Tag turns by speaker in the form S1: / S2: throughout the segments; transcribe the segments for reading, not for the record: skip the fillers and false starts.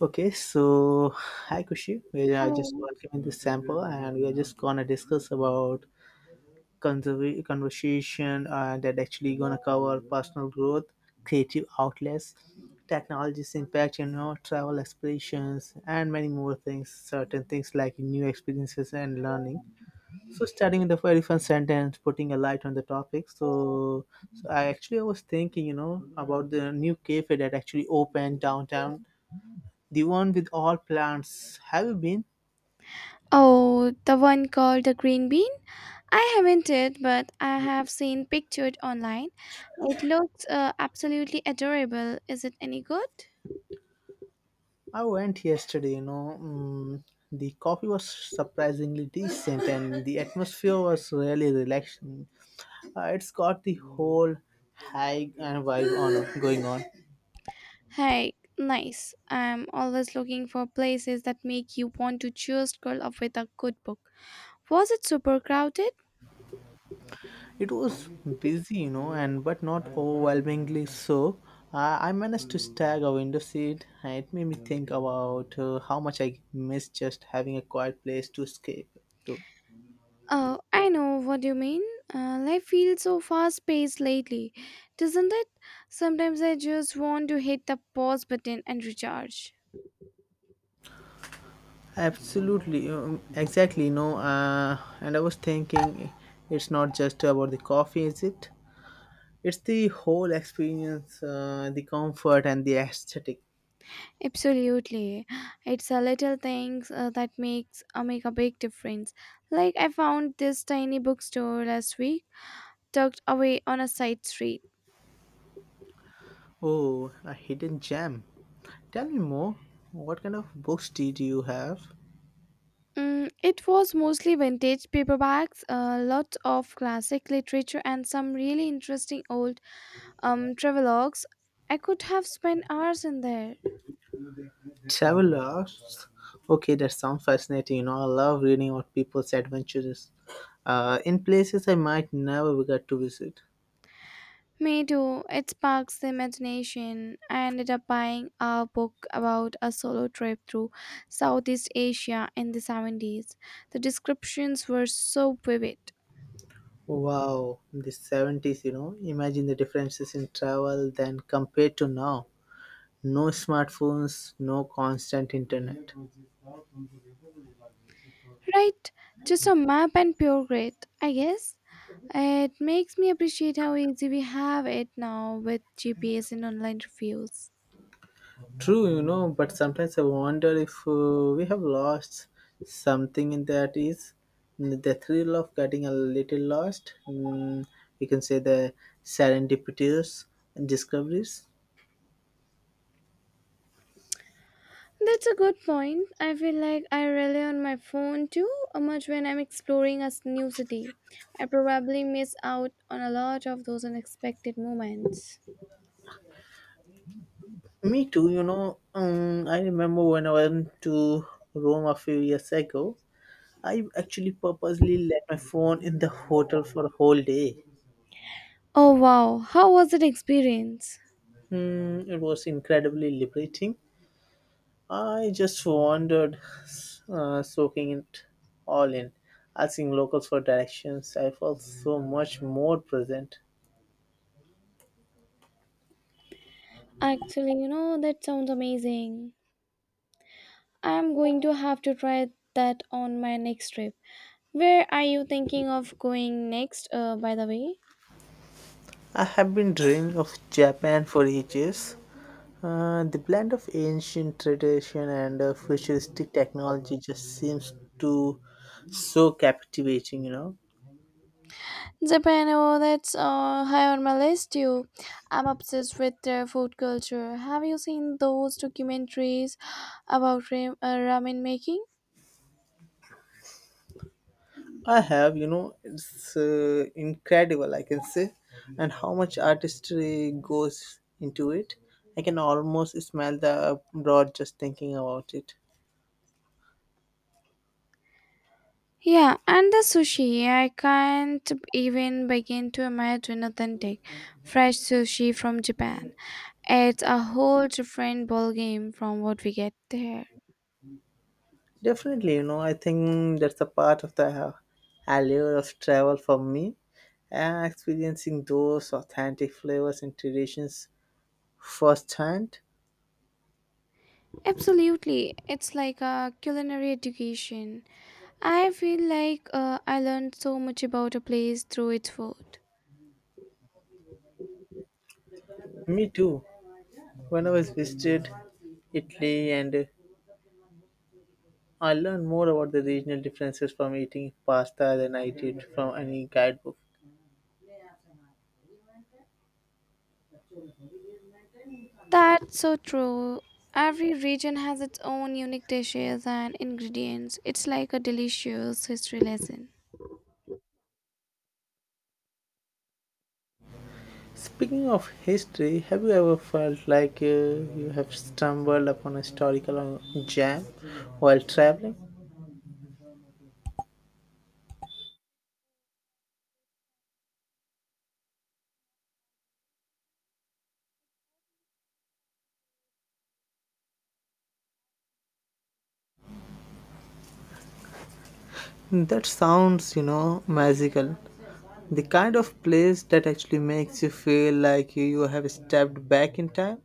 S1: Okay, so hi Kushi. We are just
S2: Hello.
S1: working in this sample and we are just gonna discuss about conversation that actually gonna cover personal growth, creative outlets, technology's impact, you know, travel aspirations, and many more things, certain things like new experiences and learning. So starting with the very first sentence, putting a light on the topic. So, I actually was thinking, you know, about the new cafe that actually opened downtown, the one with all plants. Have you been?
S2: Oh, the one called the Green Bean? I haven't it, but I have seen pictured online. It looks absolutely adorable. Is it any good?
S1: I went yesterday, you know. Mm, the coffee was surprisingly decent and the atmosphere was really relaxing. It's got the whole high and vibe on going on.
S2: Hey, nice. I'm always looking for places that make you want to just curl up with a good book. Was it super crowded?
S1: It was busy, you know, and but not overwhelmingly so. I managed to snag a window seat, and it made me think about how much I miss just having a quiet place to escape to.
S2: Oh, I know what you mean. Life feels so fast paced lately, doesn't it? Sometimes I just want to hit the pause button and recharge.
S1: Absolutely, exactly. No, and I was thinking, it's not just about the coffee, is it? It's the whole experience, the comfort and the aesthetic.
S2: Absolutely, it's a little things that makes make a big difference. Like I found this tiny bookstore last week, tucked away on a side street.
S1: Oh, a hidden gem. Tell me more. What kind of books did you have?
S2: Mm, it was mostly vintage paperbacks, lots of classic literature, and some really interesting old travelogues. I could have spent hours in there.
S1: Travelers. Okay, that sounds fascinating. You know, I love reading about people's adventures in places I might never get to visit.
S2: Me too. It sparks the imagination. I ended up buying a book about a solo trip through Southeast Asia in the 70s. The descriptions were so vivid.
S1: Wow, in the 70s, you know, imagine the differences in travel then compared to now. No smartphones, no constant internet.
S2: Right? Just a map and pure grit, I guess. It makes me appreciate how easy we have it now with GPS and online reviews.
S1: True, you know, but sometimes I wonder if we have lost something in that is the thrill of getting a little lost. Mm, we can say the serendipitous discoveries.
S2: That's a good point. I feel like I rely on my phone too much when I'm exploring new city. I probably miss out on a lot of those unexpected moments.
S1: Me too, you know. I remember when I went to Rome a few years ago. I actually purposely left my phone in the hotel for a whole day.
S2: Oh wow, how was that experience?
S1: Mm, it was incredibly liberating. I just wandered, soaking it all in, asking locals for directions. I felt so much more present.
S2: Actually, you know, that sounds amazing. I'm going to have to try that on my next trip. Where are you thinking of going next, by the way?
S1: I have been dreaming of Japan for ages. The blend of ancient tradition and futuristic technology just seems to so captivating, you know.
S2: Japan, oh, that's high on my list too. I'm obsessed with their food culture. Have you seen those documentaries about ramen making?
S1: I have, you know, it's incredible, I can say, and how much artistry goes into it. I can almost smell the broad just thinking about it.
S2: Yeah, and the sushi. I can't even begin to imagine authentic, fresh sushi from Japan. It's a whole different ballgame from what we get there.
S1: Definitely, you know, I think that's a part of the allure of travel for me, experiencing those authentic flavors and traditions firsthand.
S2: Absolutely, it's like a culinary education. I feel like I learned so much about a place through its food.
S1: Me too. When I was visited Italy and I learned more about the regional differences from eating pasta than I did from any guidebook.
S2: That's so true. Every region has its own unique dishes and ingredients. It's like a delicious history lesson.
S1: Speaking of history, have you ever felt like you have stumbled upon a historical gem while traveling? That sounds, you know, magical. The kind of place that actually makes you feel like you have stepped back in time.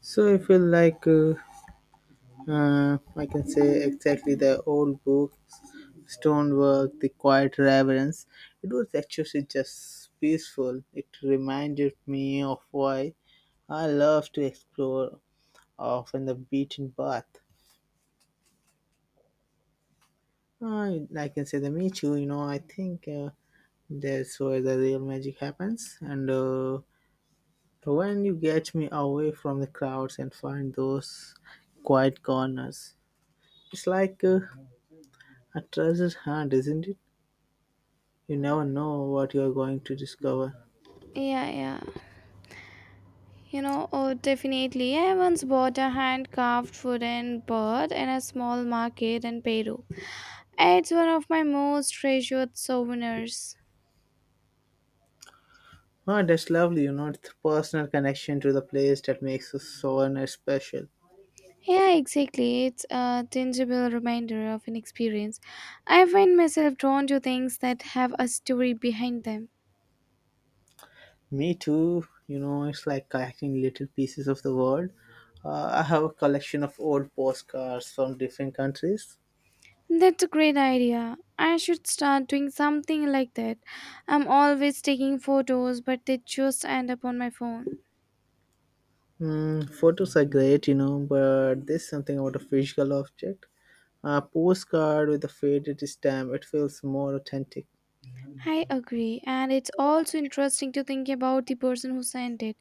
S1: So I feel like I can say exactly the old books, stonework, the quiet reverence. It was actually just peaceful. It reminded me of why I love to explore off in the beaten path. I can say the me too. You know, I think that's where the real magic happens. And when you get me away from the crowds and find those quiet corners, it's like a treasure hunt, isn't it? You never know what you're going to discover.
S2: Yeah, yeah, you know, oh, definitely. I once bought a hand carved wooden bird in a small market in Peru. It's one of my most treasured souvenirs.
S1: Oh, that's lovely, you know, it's the personal connection to the place that makes us so and it's special.
S2: Yeah, exactly. It's a tangible reminder of an experience. I find myself drawn to things that have a story behind them.
S1: Me too, you know, it's like collecting little pieces of the world. I have a collection of old postcards from different countries.
S2: That's a great idea. I should start doing something like that. I'm always taking photos, but they just end up on my phone.
S1: Mm, photos are great, you know, but there's something about a physical object. A postcard with a faded stamp, it feels more authentic.
S2: I agree, and it's also interesting to think about the person who sent it.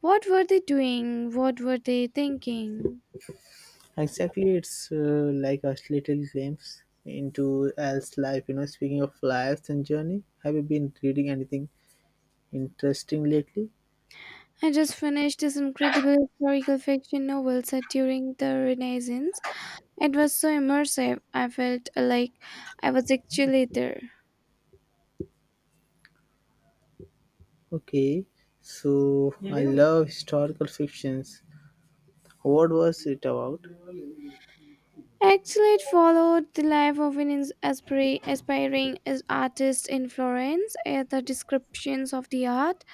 S2: What were they doing? What were they thinking?
S1: Exactly, it's like a little glimpse into Al's life. You know, speaking of lives and journey, have you been reading anything interesting lately?
S2: I just finished this incredible historical fiction novel set during the Renaissance. It was so immersive, I felt like I was actually there.
S1: Okay, so I love historical fictions. What was it about?
S2: Actually, it followed the life of aspiring artist in Florence. The descriptions of the art,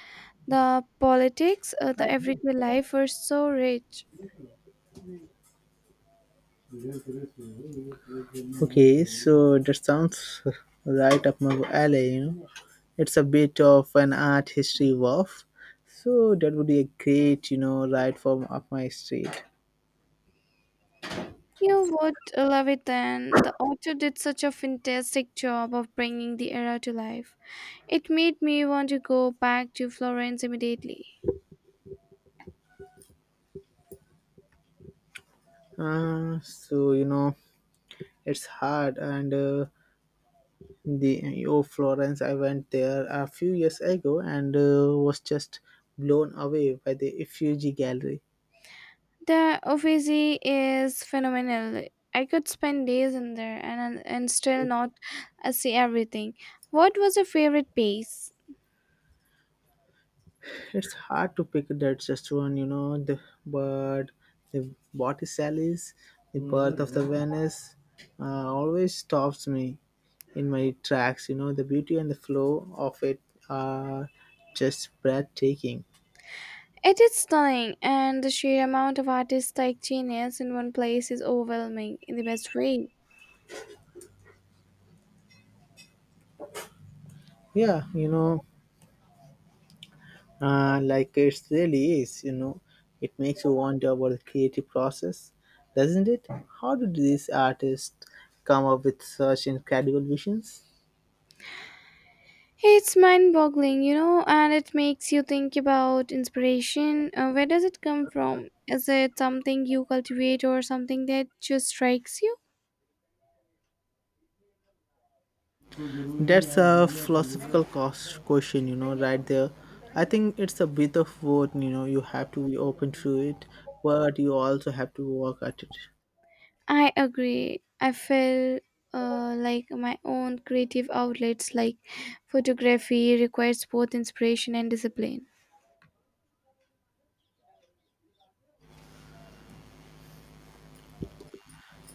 S2: the politics, the everyday life were so rich.
S1: Okay, so that sounds right up my alley. You know, it's a bit of an art history buff, so that would be a great, you know, right from up my street.
S2: You would love it then. The author did such a fantastic job of bringing the era to life. It made me want to go back to Florence immediately.
S1: So you know, it's hard and. The Florence, I went there a few years ago and was just blown away by the Uffizi Gallery.
S2: The Uffizi is phenomenal. I could spend days in there and still not see everything. What was your favorite piece?
S1: It's hard to pick that just one, you know. The but the Botticelli's, the Birth of the Venus, always stops me in my tracks. You know, the beauty and the flow of it are just breathtaking.
S2: It is stunning, and the sheer amount of artistic genius in one place is overwhelming in the best way.
S1: Yeah, you know, like it really is, you know, it makes you wonder about the creative process, doesn't it? How did these artists come up with such incredible visions?
S2: It's mind-boggling, you know, and it makes you think about inspiration. Where does it come from? Is it something you cultivate or something that just strikes you?
S1: That's a philosophical cost question, you know, right there. I think it's a bit of both, you know, you have to be open to it, but you also have to work at it.
S2: I agree. I feel like my own creative outlets like photography requires both inspiration and discipline.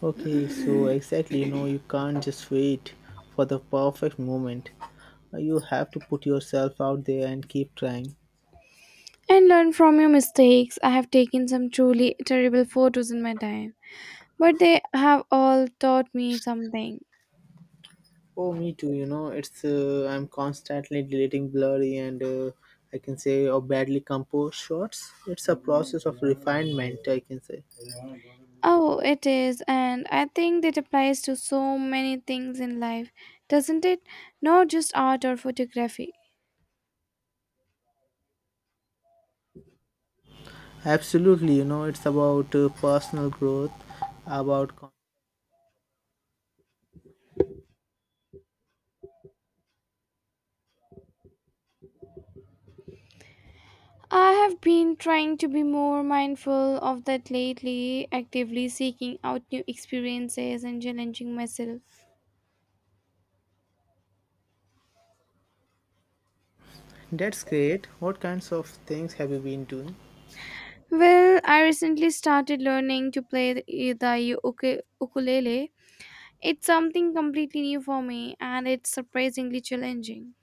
S1: Okay, so exactly, you know, you can't just wait for the perfect moment. You have to put yourself out there and keep trying.
S2: And learn from your mistakes. I have taken some truly terrible photos in my time, but they have all taught me something.
S1: Oh, me too. You know, it's I'm constantly deleting blurry and I can say or badly composed shots. It's a process of refinement. I can say
S2: Oh, it is, and I think that applies to so many things in life, doesn't it? Not just art or photography.
S1: absolutely. You know, it's about personal growth, about
S2: I have been trying to be more mindful of that lately, actively seeking out new experiences and challenging myself.
S1: that's great. What kinds of things have you been doing?
S2: Well, I recently started learning to play the ukulele. It's something completely new for me and it's surprisingly challenging.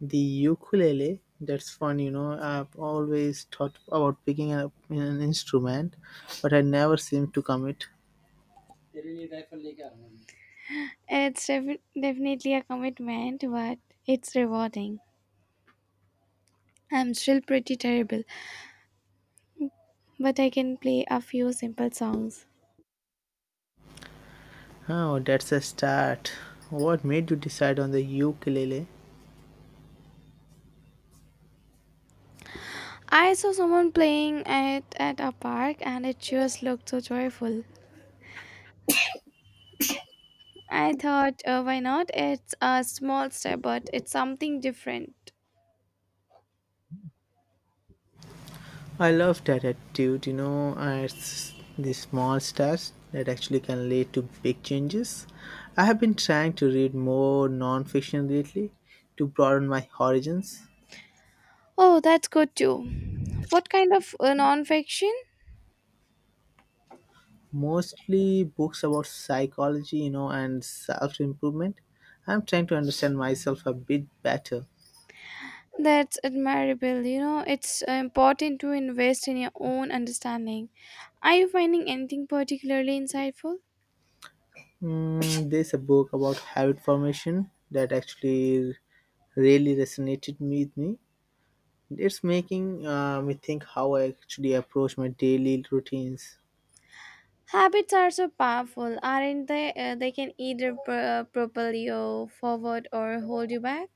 S1: The ukulele. That's fun. You know, I've always thought about picking up an instrument, but I never seem to commit.
S2: It's definitely a commitment, but it's rewarding. I'm still pretty terrible, but I can play a few simple songs.
S1: Oh, that's a start. What made you decide on the ukulele?
S2: I saw someone playing it at a park and it just looked so joyful. I thought, why not? It's a small step, but it's something different.
S1: I love that attitude, you know, it's the small steps that actually can lead to big changes. I have been trying to read more non-fiction lately to broaden my horizons,
S2: Oh, that's good too. What kind of non-fiction?
S1: mostly books about psychology, you know, and self-improvement. I'm trying to understand myself a bit better.
S2: That's admirable. You know, it's important to invest in your own understanding. Are you finding anything particularly insightful?
S1: Mm, there's a book about habit formation that actually really resonated with me. It's making me think how I actually approach my daily routines.
S2: Habits are so powerful, aren't they? They can either propel you forward or hold you back.